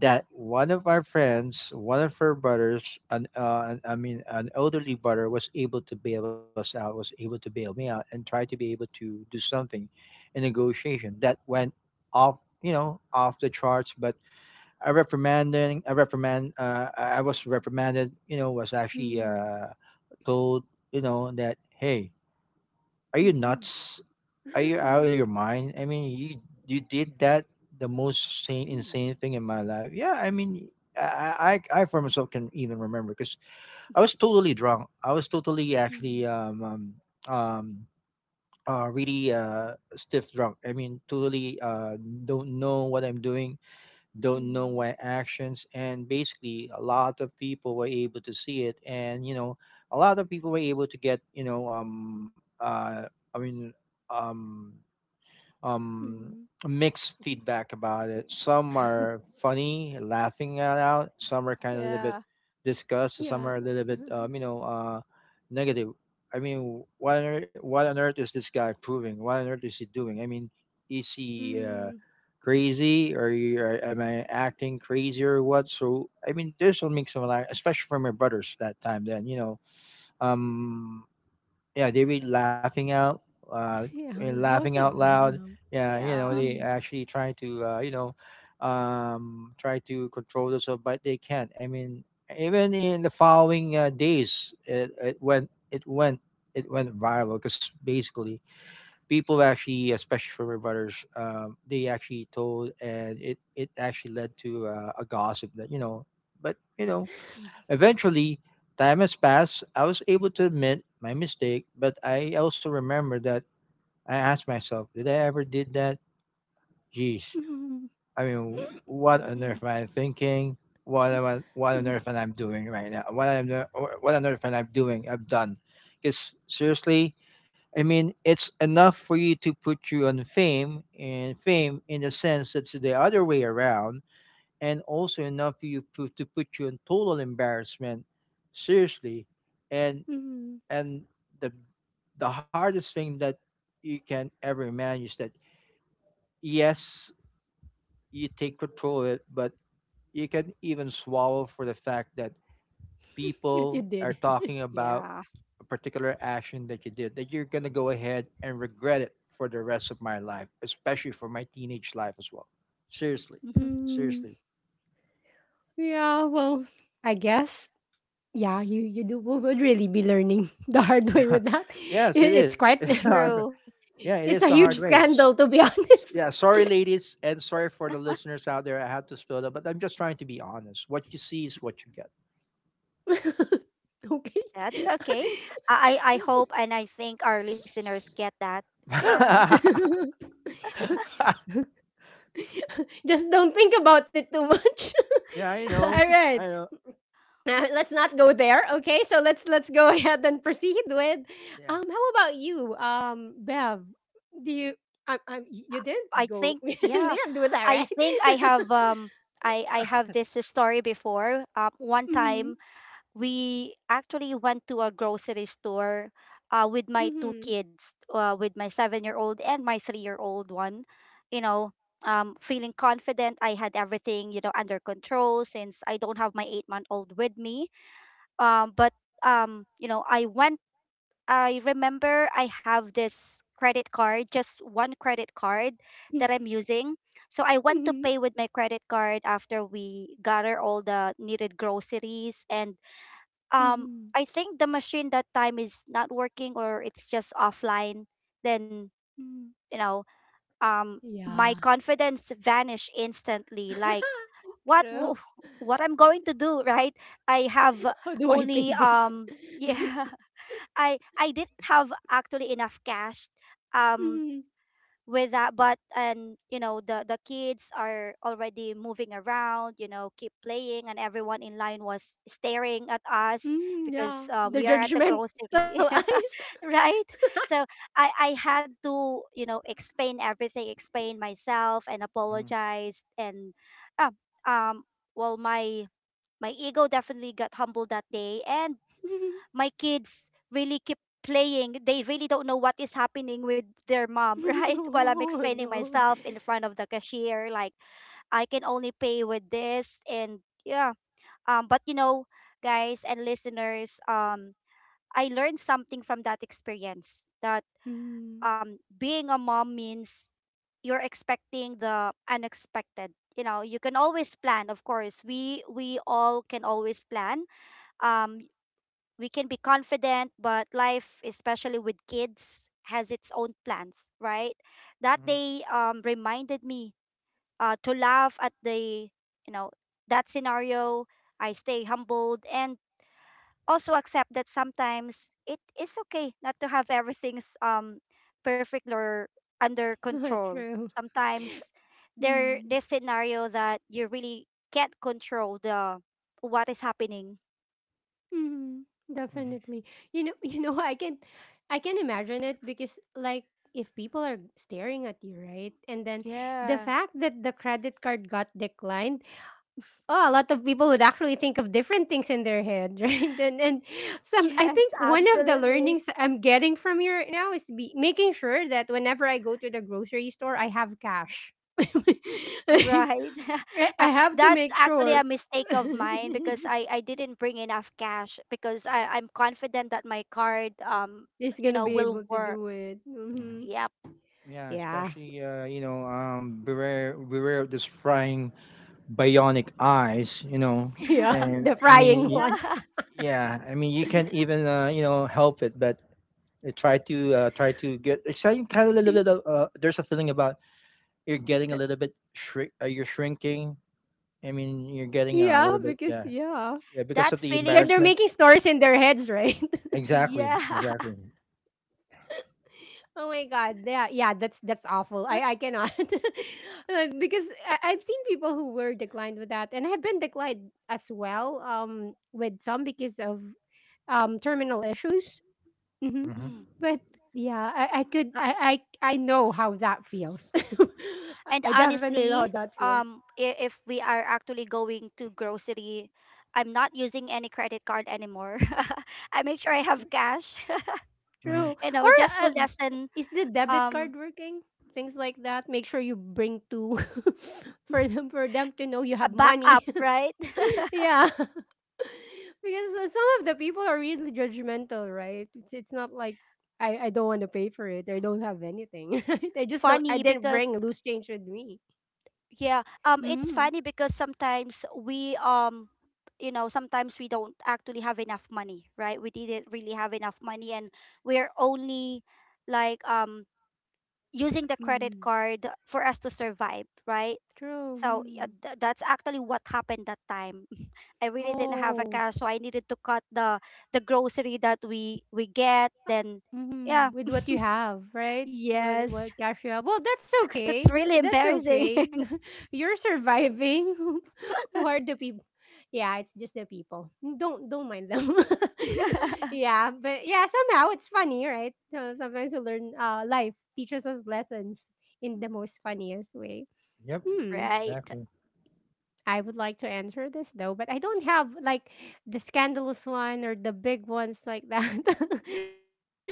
that one of our friends, one of her brothers, an I mean, an elderly brother was able to bail us out, was able to bail me out, and tried to be able to do something in negotiation that went off, you know, off the charts. But I reprimanding, I reprimand, I was reprimanded, you know, was actually Mhm. Told, you know, that hey, are you Mhm. nuts? Are you out of your mind? I mean, you did that the most sane, Mm. insane thing in my life. Yeah, I mean, I for myself can even remember because I was totally drunk. I was totally actually Mm. Um really stiff drunk. I mean, totally don't know what I'm doing, don't know my Mm. actions, and basically a lot of people were able to see it, and you know, a lot of people were able to get, you know, I mean, um um, Mhm. mixed feedback about it. Some are funny, laughing it out. Some are kind of a little bit Yeah. disgust. Some are a Yeah. little bit, you know, negative. I mean, what on earth, what on earth is this guy proving? What on earth is he doing? I mean, is he Mm. crazy, or you- or am I acting crazy or what? So, I mean, there's a mix of like, especially from my brothers that time then, you know. Um, yeah, they read laughing out, uh, and Yeah, laughing out most of them, loud. yeah. Yeah, you know, Yeah. they Mm. actually try to, you know, try to control themselves, but they can't. I mean, even in the following days, it went viral because basically people actually, especially from my brothers, they actually told, and it actually led to a gossip that you know, but you know, eventually, time has passed. I was able to admit my mistake, but I also remember that I asked myself, did I ever did that? Jeez. Mhm. I mean, what on Hmm. earth am I thinking? What am I, what on earth am I doing right now? What am I, what on earth am I doing? I've done. Because, seriously, I mean, it's enough for you to put you on fame and fame, in the sense that's the other way around, and also enough for you to put you in total embarrassment, seriously. and Mhm. and the the hardest thing that you can ever imagine is that, yes, you take control of it, but you can even swallow for the fact that Yet people you are didn't. talking about Yeah. a particular action that you did, that you're going to go ahead and regret it for the rest of my life, especially for my teenage life as well. Seriously. Hmm. Mm. Seriously. Yeah, well, I guess, yeah, you do. We would really be learning the hard way with that. I Yes, it it's is. quite It's hard. True. Yeah, it is it's a the hard huge way. scandal, to be honest. Yeah, sorry, ladies, and sorry for the listeners out there. I had to spill that, but I'm just trying to be honest. What you see is what you get. Okay. That's okay. I hope and I think our listeners get that. Yeah. Just don't think about it too much. Yeah, I All know. right. I know. Let's not go there. Okay. So let's go ahead and proceed with Yeah. How about you? Um, Bev, do you you I didn't go think you yeah. didn't do that, I right? think I have this story before. One time Mhm. we actually went to a grocery store, with my two Mhm. kids, with my 7-year-old and my 3-year-old one. You know, feeling confident. I had everything, under control since I don't have my 8-month-old with me. But, um, you know, I went, I remember I have this credit card, just one credit card that I'm using. So I went to Mhm. pay with my credit card after we gather all the needed groceries, and um Mhm. I think the machine that time is not working, or it's just offline. Then Mhm. you know, um my Yeah. confidence vanish instantly. Like what wo- True. what I'm going to do, right? I have How do I pay only this? Yeah, I didn't have actually enough cash. Um Mhm. with that, but and the kids are already moving around, keep playing, and everyone in line was staring at us Mm, because yeah. We The are at the judgmental grocery, eyes. right. So I had to, explain everything, explain myself, and Mhm, apologize, and uh, um well, my ego definitely got humbled that day. And my kids really keep playing. They really don't know what is happening with their mom, right? While I'm Oh explaining no. myself in front of the cashier, like I can only pay with this, and yeah. But guys and listeners, I learned something from that experience, that Mm-hmm. Being a mom means you're expecting the unexpected. You know, you can always plan, of course. We all can always plan. Um we can be confident, but life, especially with kids, has its own plans, right? That mhm, day reminded me to laugh at you know, that scenario. I stay humbled and also accept that sometimes it is okay not to have everything's perfect or under control. True. Sometimes there Mm. this scenario that you really can't control the what is happening. Mm. mhm, Definitely. You know, you know, I can imagine it because like if people are staring at you, right, and then the Yeah. fact that the credit card got declined, oh, a lot of people would actually think of different things in their head, right? And and some, I Yes, think one of the absolutely. learnings I'm getting from you right now is be making sure that whenever I go to the grocery store, I have cash. I Right. Uh, I have to that's make actually sure. a mistake of mine because I didn't bring enough cash because I, I'm confident that my card He's you gonna know be mhm, will able to work. do it. mhm. Mhm. Yep. Yeah, Yeah. especially you know, beware, beware of this frying bionic eyes. You know, Yeah, and the I mean, frying y ones. Yeah. yeah, I mean, you can't even, you know, help it, but try to get. It's kind of a little bit of, there's a feeling about you're getting a little bit shrink. You're shrinking. I mean, you're Yeah, getting a because little bit. yeah. Yeah, yeah, because That of Yeah, the they're making feeling. embarrassment. stories in their heads, right? Exactly. Yeah. Exactly. Oh my god. Yeah, yeah, that's awful. I cannot. Because I've seen people who were declined with that, and I have been declined as well with some because of terminal issues. Hmm. Hmm. Mm. But yeah, I could Uh, I know how that feels. and I definitely know how honestly, that feels. If we are actually going to grocery, I'm not using any credit card anymore. I make sure I have cash, Hmm. True. Or just to um, lessen is the debit um card working? Things like that. Make sure you bring two for them to know you a have money. backup, right? Yeah. Because some of the people are really judgmental, right? It's not like I don't want to pay for it. I don't have anything. Right? I just don't. I funny didn't because bring loose change with me. yeah, it's Mm-hmm. funny because sometimes we don't actually have enough money, right? We didn't really have enough money, and we're only like using the credit Mm. card for us to survive, right? True. So yeah, Mm. that's actually what happened that time. I really didn't have a Oh. cash, so I needed to cut the grocery that we get. Then yeah, Mhm, with what you have, right? Yes, What cash you have? Well, that's that's okay. really That's embarrassing. okay. You're surviving. Who are the people? Yeah, it's just the people. Don't mind them. Yeah. but yeah, somehow it's funny, right? So sometimes we learn. Life teaches us lessons in the most funniest way. Yep. Hmm. right? Exactly. I would like to answer this though, but I don't have like the scandalous one or the big ones like that. Hmm.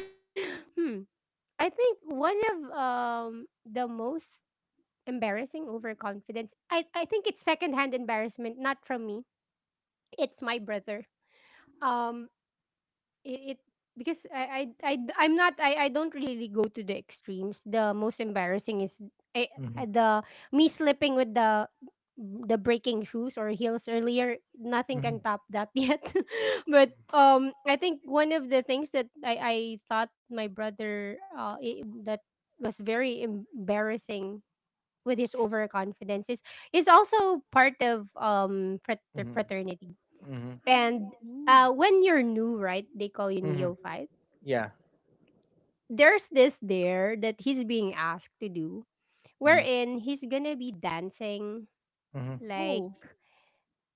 I think one of the most embarrassing overconfidence. I think it's secondhand embarrassment, not from me. It's my brother. Um, it, it because I'm not I don't really go to the extremes. The most embarrassing is I, I- Hmm. the me slipping with the breaking shoes or heels earlier. Nothing can top that yet. But I think one of the things that I thought my brother I that was very embarrassing with his overconfidence is also part of fraternity. And Mm. When you're new, right, they call you Hmm. neophyte. Yeah. There's this there that he's being asked to do, wherein he's gonna be dancing Hmm. like Ooh.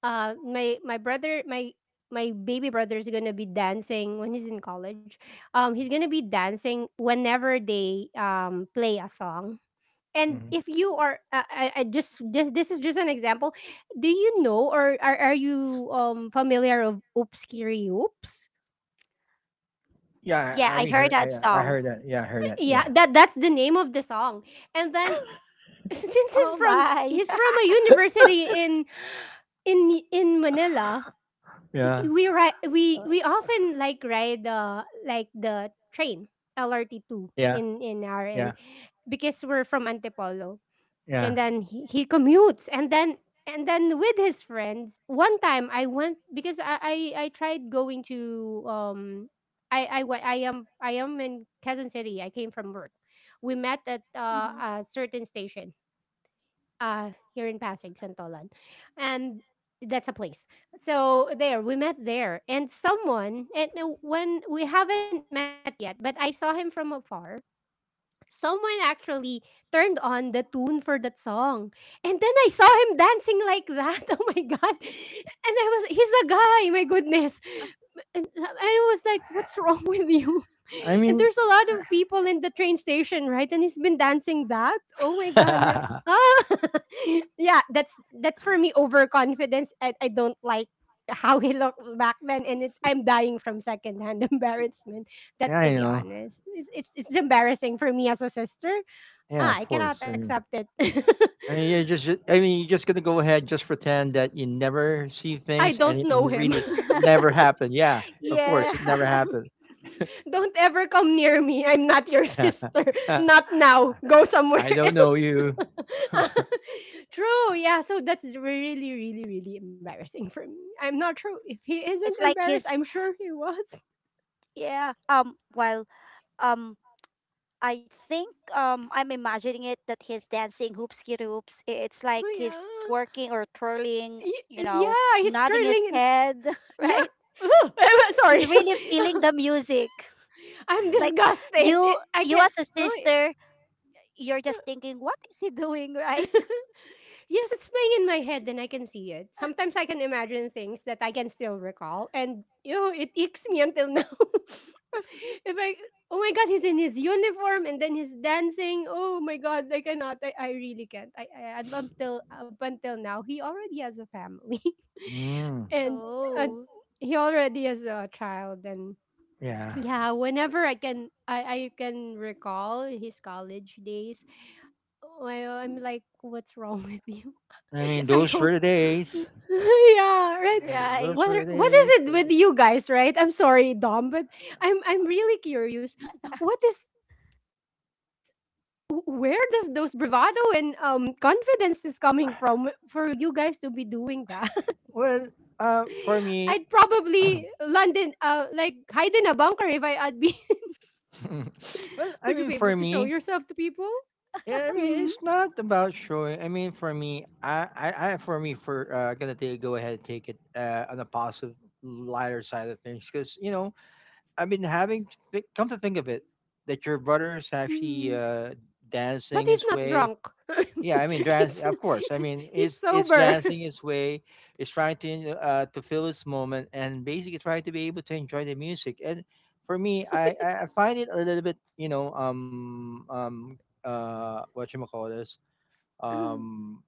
uh my my brother my my baby brother is gonna be dancing when he's in college. He's gonna be dancing whenever they play a song. And Hmm. if you are, just this is just an example. Do you know or are you familiar of Oops Kiri Oops? Yeah. Yeah, I I We heard heard. that song. That. Yeah. Yeah, that's the name of the song. And then since he's Oh from my. A university in in Manila, i- Yeah. we ride Uh, we we often like ride the train LRT two Yeah. In our Yeah. end because we're from Antipolo Yeah. and then he commutes and then with his friends one time I went because I tried going to I am in Quezon City. I came from work. We met at hmm, a certain station here in Pasig, Santolan, and that's a place. So there we met there, and someone and when we haven't met yet, but I saw him from afar, someone actually turned on the tune for that song. And then I saw him dancing like that. Oh my god. And I was he's a guy, my goodness. And I was like, what's wrong with you? I And mean, there's a lot of people in the train station, right? And he's been dancing that. Oh my god. And ah! Yeah, that's for me overconfidence. I don't like how he looked back then, and it, I'm dying from secondhand embarrassment. That's to I be know. honest. It's embarrassing for me as a sister. Yeah, Ah, of I cannot course. I mean, accept it. I mean, I mean, you just gonna you never see I things, and don't know him. really it never happened. Yeah, of yeah. course, it never happened. Don't ever come near me. I'm not your sister. Not now. Go I somewhere don't know else. you. True. Yeah. So that's really, really, really embarrassing for me. I'm not sure if he isn't It's like embarrassed. his, I'm sure he was. yeah. Well, um I think I'm imagining it that he's dancing hoopski hoops. It's Oh like he's yeah. twerking or twirling, Y- yeah. He's nodding his curling. In- head, yeah. right? He's Sorry. really feeling the music. I'm Like disgusted. you I you can. as a Oh. sister, you're just thinking, what is he doing, right? Yes, it's playing in my head and I can see it. Sometimes I can imagine things that I can still recall, and you know, it icks me until now. If I oh my god, he's in his uniform and then he's dancing. Oh my god, I cannot. I really can't. I up until now he already has a family. Mm, And uh, Oh, he already has a child. And yeah. yeah, whenever I can, I can recall his college days. Well, I'm like, what's wrong with you? I mean, I those were hope. the days. Yeah, right. And those What right. were are- the what is days it that. You, with you guys, right? I'm sorry, Dom, but I'm really curious. What is where does those bravado and confidence is coming from for you guys to be doing that? well, I'd for me, probably land in like hide in a bunker if I'd be. Would you be well, I able to mean, show for me, yourself to people? yeah, I Mhm, mean, it's not about showing. I mean, for me, I for me, for gonna take go ahead and take it, on the positive, lighter side of things, because you know, I've been having to come to think of it, that your brother is actually mhm. But dancing he's his not way. drunk. Yeah, I mean, dance, he's yeah, of course. I mean, he's it's sober. dancing its way. It's trying to feel its moment and basically trying to be able to enjoy the music. And for me, I find it a little bit, you know, what you call this, um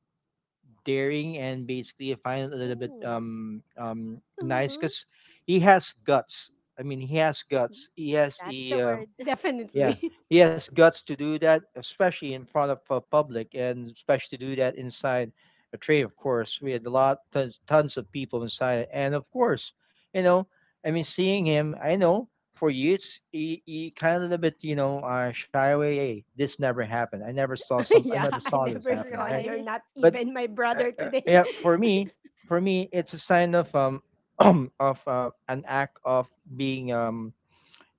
daring, and basically I find it a little bit, Ooh. Nice, Uh-huh. because he has guts. I mean, he has guts. He has That's the, the word. Definitely. yeah. He has guts to do that, especially in front of, and especially do that inside a train. Of course, we had a lot, tons, tons of people inside, and of course, you know, I mean, seeing him, I know for you it's he kind of a little bit, you know, shy away. Hey, this never happened. I never saw some. I Yeah, never I saw this never happening, saw right? you. You're Right. not But even my brother today. yeah, for me, for me, it's a sign of, of an act of being um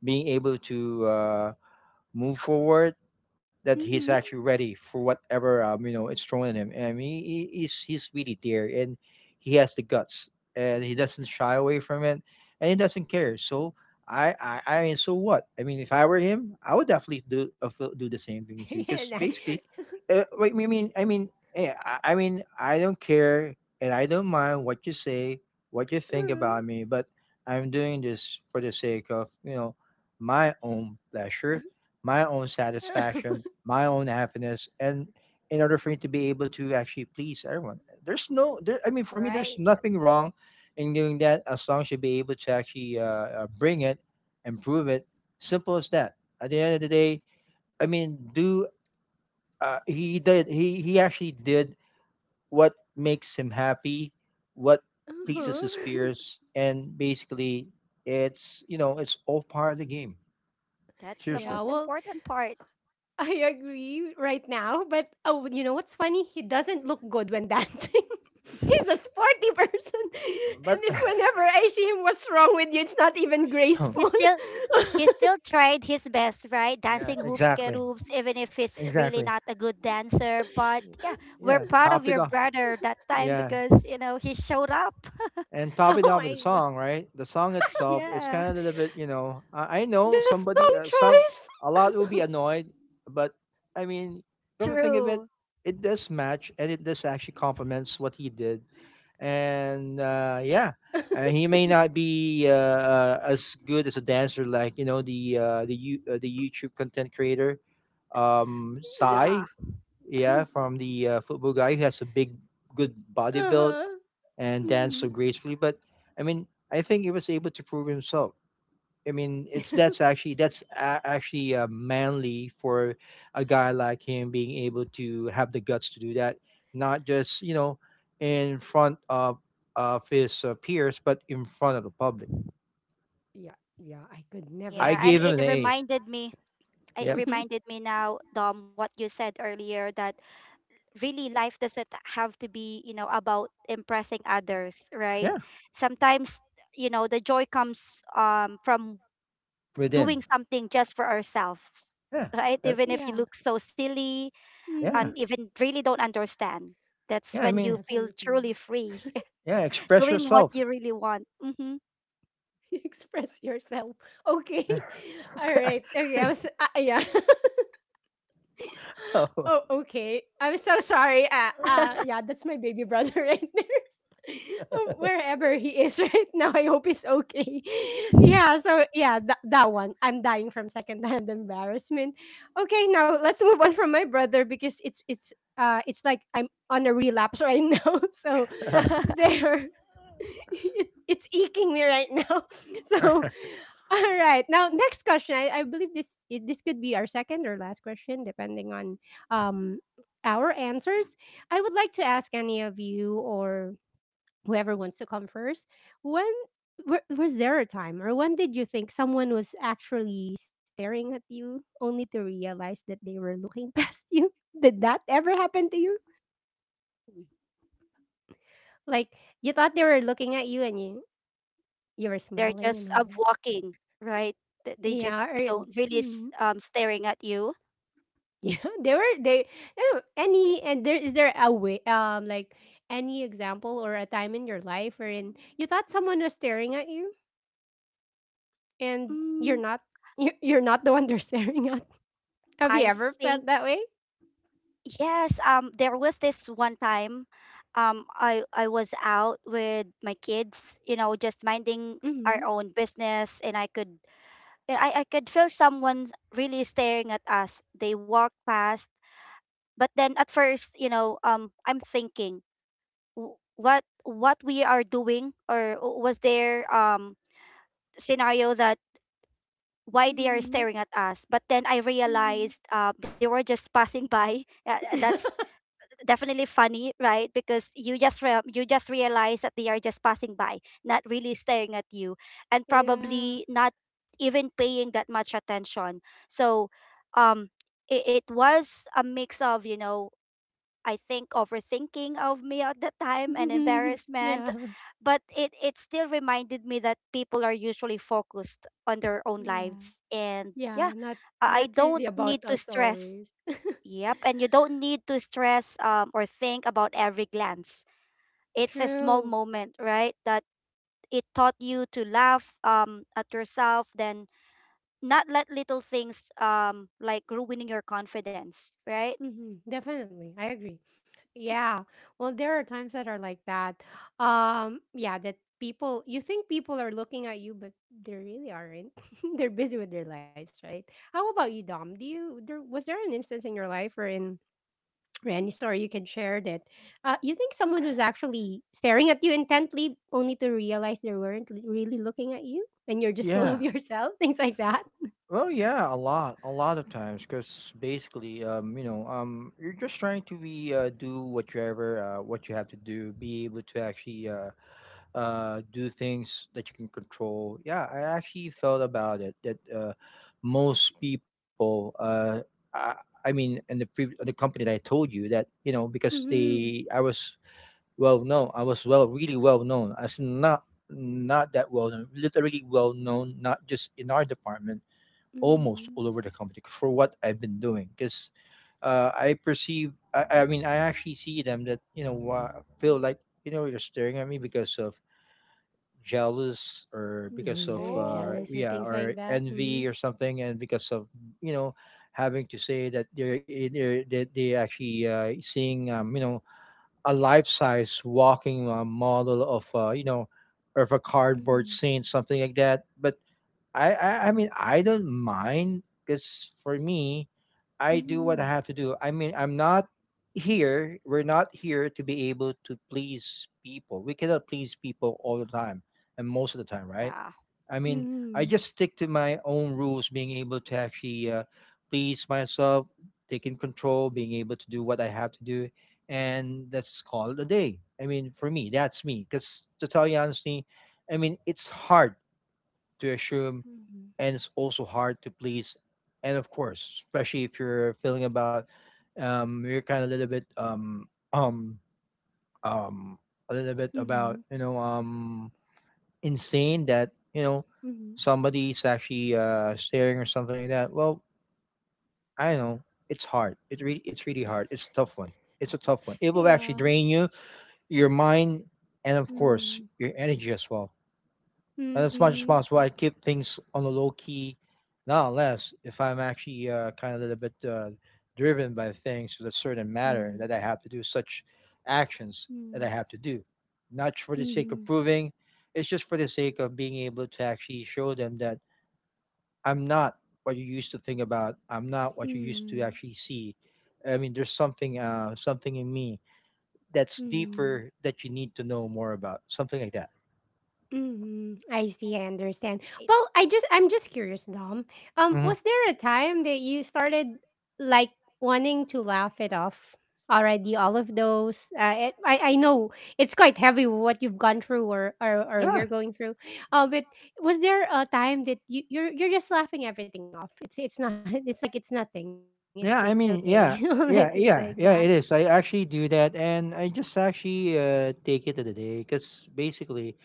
being able to move forward, that he's actually Mhm. ready for whatever, you know, it's thrown at him. He's really there, and he has the guts, and he doesn't shy away from it, and he doesn't care. So I mean, so what? I mean, if I were him, I would definitely do the same thing too, because Yeah, that- basically, wait, I mean, I don't care and I don't mind what you say, what you think uh, about me, but I'm doing this for the sake of, you know, my own pleasure, my own satisfaction, my own happiness, and in order for me to be able to actually please everyone. There's no, there, I mean, for me, there's Right. nothing wrong in doing that as long as you be able to actually, bring it, improve it. Simple as that. At the end of the day, I mean, do he did he actually did what makes him happy, what Mm-hmm. uh-huh. pleases his peers, and basically it's you know it's all part of the game, That's the seriously. Yeah, most well, important part. I agree right now, but oh, you know what's funny? He doesn't look good when dancing. He's a sporty person, But and if whenever I see him, what's wrong with you? It's not even He graceful. still Oh he still tried his best, right? yeah, Dancing hoops, get hoops, even if he's really not a good dancer. But yeah, we're yeah, proud of top it your off. brother that time Yeah. because you know he showed up. And top it off with the my song, god, right? The song itself, its yeah. kind of a little bit, you know. I know the somebody, song some, choice. a lot will be annoyed, but I mean, come to think of it, True. it does match and it does actually complements what he did. And yeah, he may not be as good as a dancer, like, you know, the YouTube content creator, Yeah. Sai, yeah, from the, football guy who has a big good bodybuild Uh huh. and dance so Hmm. gracefully. But I mean, I think he was able to prove himself. I mean, it's that's actually that's a- actually manly for a guy like him, being able to have the guts to do that, not just, you know, in front of his, peers, but in front of the public. Yeah, yeah, I could I Yeah. never And gave him do an it that. A. reminded me. It Yep. reminded me now, Dom, what you said earlier, that really life doesn't have to be about impressing others, right? Yeah. Sometimes the joy comes from Within. doing something just for ourselves, Yeah. Yeah. right? Uh, Even if you look so silly, Hmm. yeah. and even really don't understand, Yeah, that's Yeah. I when you mean, feel definitely. truly free, yeah, express doing what you yourself. really want. Hmm. Express yourself. Okay. Yeah. All right. Okay. I was. Yeah. Oh. Oh, okay. I'm so sorry. Yeah, that's my baby brother right there. Oh, wherever he is right now, I hope he's okay. Yeah, so yeah, that one. I'm dying from secondhand embarrassment. Okay, now let's move on from my brother because it's like I'm on a relapse right now. So there. It's eking me right now. So, all right. Now, next question. I believe this could be our second or last question, depending on um our answers. I would like to ask any of you or whoever wants to come first. When was there a time, or when did you think someone was actually staring at you, only to realize that they were looking past you? Did that ever happen to you? Like you thought they were looking at you, and you were they're smiling and just all. up walking, right. They just Yeah, or don't really mm, staring at you. yeah, they were they no, any and there a way like any example or a time in your life wherein you thought someone was staring at you and you're Mm, not you're not the one they're staring at. Have you I ever think. felt that way? Yes, there was this one time, I was out with my kids, you know, just minding Mhm. our own business, and I could, yeah, I could feel someone really staring at us. They walked past, but then at first, I'm thinking, "What we are doing, or was there scenario that why they are Mhm. staring at us, but then I Mhm. realized they were just passing by, that's definitely funny, right? Because you just re- you just realize that they are just passing by, not really staring at you, and Yeah. probably not even paying that much attention. So, um, it was a mix of I think overthinking of me at the time and embarrassment, Yeah. but it still reminded me that people are usually focused on their own Yeah. lives, and yeah, Yeah, I not really don't about need to us stress. always. Yep, and you don't need to stress or think about every glance. It's a small True. moment, right? That it taught you to laugh at yourself then not let little things like ruining your confidence, right? Hmm. Definitely. I agree. Yeah. Well, there are times that are like that. Yeah, that people you think people are looking at you, but they really aren't. They're busy with their lives, right? How about you, Dom? Do you there was there an instance in your life wherein or any story you can share that you think someone was actually staring at you intently, only to realize they weren't really looking at you and you're just full of Yeah. yourself things like that. Well, yeah, a lot of times, because basically, you know, you're just trying to be do whatever what you have to do, be able to actually, do things that you can control. Yeah, I actually felt about it that, most people, I, I mean, in the the company that I told you that, you know, because Mm-hmm. they I was well known. I was well, really well known, as in not, that well known, literally well known, not just in our department, almost Mm-hmm. all over the company for what I've been doing, because I perceive, I mean, I actually see them that, you know, feel like, you know, you're staring at me because of jealous or you're, because of, you're Oh, jealous or yeah, things or like that. Mm-hmm. envy or something, and because of, you know, having to say that they're that they actually, seeing, you know, a life size walking, model of, you know, of a cardboard 嗯 saint, something like that. But I mean I don't mind, because for me, 嗯 I do what I 嗯 have to do. I mean, I'm not here. We're not here to be able to please people. We cannot please people all the time and most of the time, right? yeah. I mean, I 嗯 just stick to my own rules, being able to actually, please myself, taking control, being able to do what I have to do, and that's called a day. I mean, for me, that's me. Because to tell you honestly, I mean, it's hard to assume, 嗯 and it's also hard to please. And of course, especially if you're feeling about, you're kind of um, a 嗯嗯 little bit 嗯 about, 嗯 you know, insane, that you know 嗯，somebody's actually staring or something like that. Well, I know. It's hard. It's really hard. It's a tough one. It's a tough one. It 对 will actually 呀，drain you, your mind, and of course, 嗯 your energy as well. And as much 嗯 as possible, I keep things on a low key, not unless if I'm actually, kind of a little bit, driven by things to a certain matter 嗯 that I have to do, such actions that I 嗯 have to do. Not for 嗯 the sake 嗯嗯 of proving, it's just for the sake of being able to actually show them that I'm not what you used to think about. I'm not what you used to 嗯 actually see. I mean, there's something in me that's 嗯 deeper 嗯。that you need to know more about, something like that. hmm I see. I understand. It, Well, I just I'm just curious, Dom. Hmm. Was there a time that you started like wanting to laugh it off already? All of those. It, I know it's quite heavy what you've gone through, or you're Yeah. going through. But was there a time that you're just laughing everything off? It's not. It's like it's nothing. It's Yeah. okay. I mean, Like yeah. things Yeah, like that. yeah, yeah, it is. I actually do that, and I just actually, take it in the day, because basically,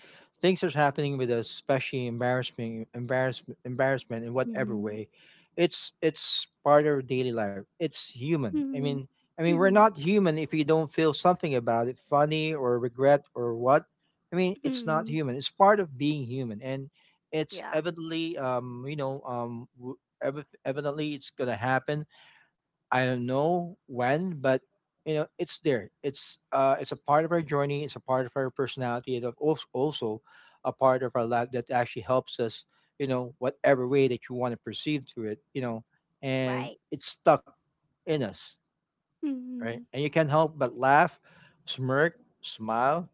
things are happening with us, especially embarrassment, embarrassment, embarrassment in Mm-hmm. whatever way. It's part of daily life. It's human. I mean, we're Mm-hmm. not human if you don't feel something about it, funny or regret or what. I mean, it's not Mm-hmm. human. It's part of being human, and it's yeah, evidently, you know, w- evi- evidently, it's gonna happen. I don't know when, but you know, it's there. It's a part of our journey. It's a part of our personality. It's also a part of our life that actually helps us. You know, whatever way that you want to perceive through it. You know, and right. it's stuck in us, Mm-hmm. right? And you can't help but laugh, smirk, smile,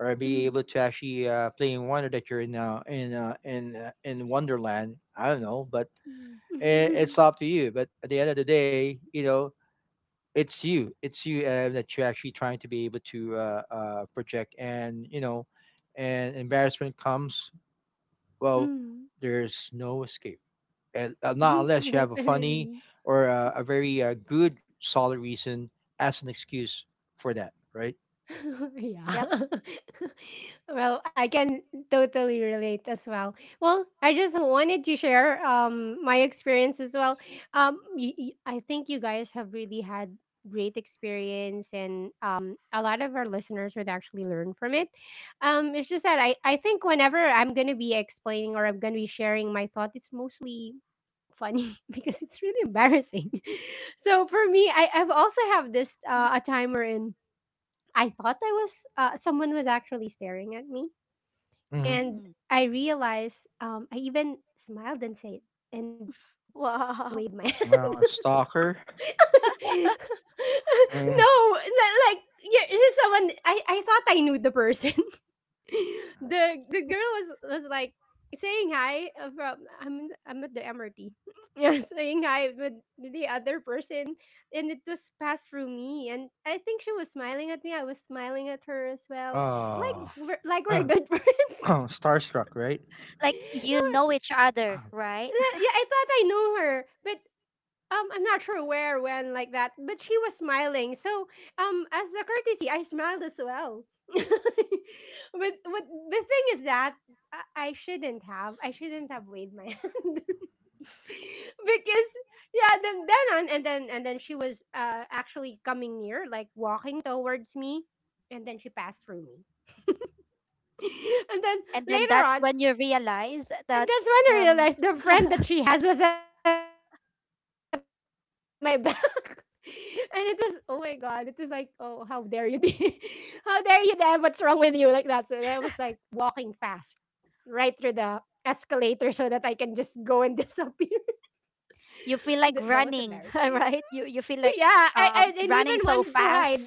or be able to actually, play in wonder that you're in Wonderland. I don't know, but Mm. i- Mm-hmm. it's up to you. But at the end of the day, you know, it's you that you're actually trying to be able to, project, and you know, and embarrassment comes. Well, Mm. there's no escape, and not unless you have a funny, Definitely. or a very, good solid reason as an excuse for that, right? Yep. Yeah. Well, I can totally relate as well. Well, I just wanted to share my experience as well. I think you guys have really had great experience and a lot of our listeners would actually learn from it. Um, it's just that I think whenever I'm going to be explaining or I'm going to be sharing my thought, it's mostly funny because it's really embarrassing. So for me, I I've also have this a timer in I thought I was someone was actually staring at me, Hmm. and Mm. I realized I even smiled and said and waved my Wow. hand. Well, a stalker. No, like yeah, this is someone. I thought I knew the person. the the girl was like saying hi from I'm at the MRT. Yeah, saying hi with the other person, and it was passed through me, and I think she was smiling at me. I was smiling at her as well. Like we're good friends. Starstruck, right? Like you know each other, right? No, yeah, I thought I knew her, but I'm not sure where, when, like that, but she was smiling. So, as a courtesy, I smiled as well. but but the thing is that I shouldn't have. I shouldn't have waved my hand because yeah. Then on and then she was actually coming near, like walking towards me, and then she passed through me. And then And then later that's on, when you realize and that that's when I um realized the friend that she has was at my back. And it was, oh my god, it was like, oh, how dare you, Dee? How dare you, Deb? What's wrong with you? Like that. So I was like walking fast right through the escalator so that I can just go and disappear. you feel That like was running, embarrassing. right? You feel like Yeah, I didn't running even so wanted to fast. hide.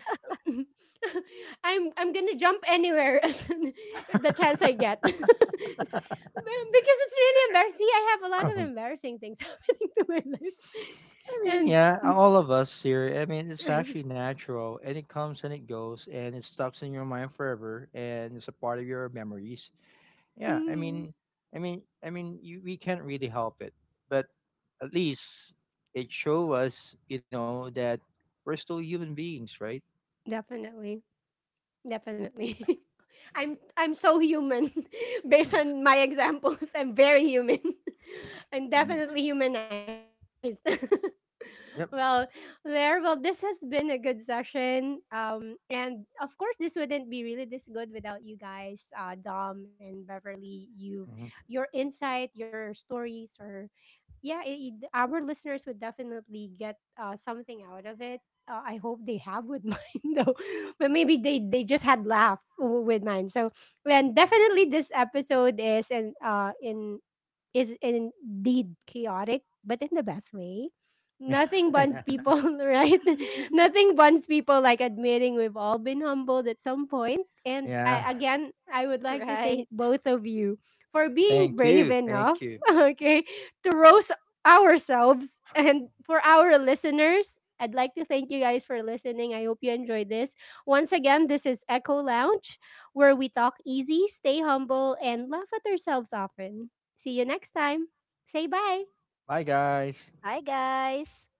I'm gonna jump anywhere as the chance I get. Because it's really embarrassing. I have a lot of I embarrassing things happening to my life. mean, And yeah, all of us here. I mean, it's actually natural, and it comes and it goes, and it stucks in your mind forever, and it's a part of your memories. Yeah, I mm, mean, I mean, I mean, we can't really help it, but at least it show us, you know, that we're still human beings, right? definitely. Definitely. I'm so human. Based on my examples, I'm very human. I'm I mean, definitely humanized. Well, yep. there. Well, this has been a good session. And of course, this wouldn't be really this good without you guys, Dom and Beverly. You, your insight, your stories, or yeah, our listeners would definitely get something out of it. I hope they have with mine though. But maybe they just had laugh with mine. So and definitely this episode is in is indeed chaotic, but in the best way. Nothing bonds Hmm. hmm. people, right? Nothing bonds people like admitting we've all been humbled at some point. And I, Yeah. again, I would like to Right. thank both of you for being Thank brave you. Thank enough, you. okay, to roast ourselves and for our listeners. I'd like to thank you guys for listening. I hope you enjoyed this. Once again, this is Echo Lounge, where we talk easy, stay humble, and laugh at ourselves often. See you next time. Say bye. Bye, guys. Hi, guys.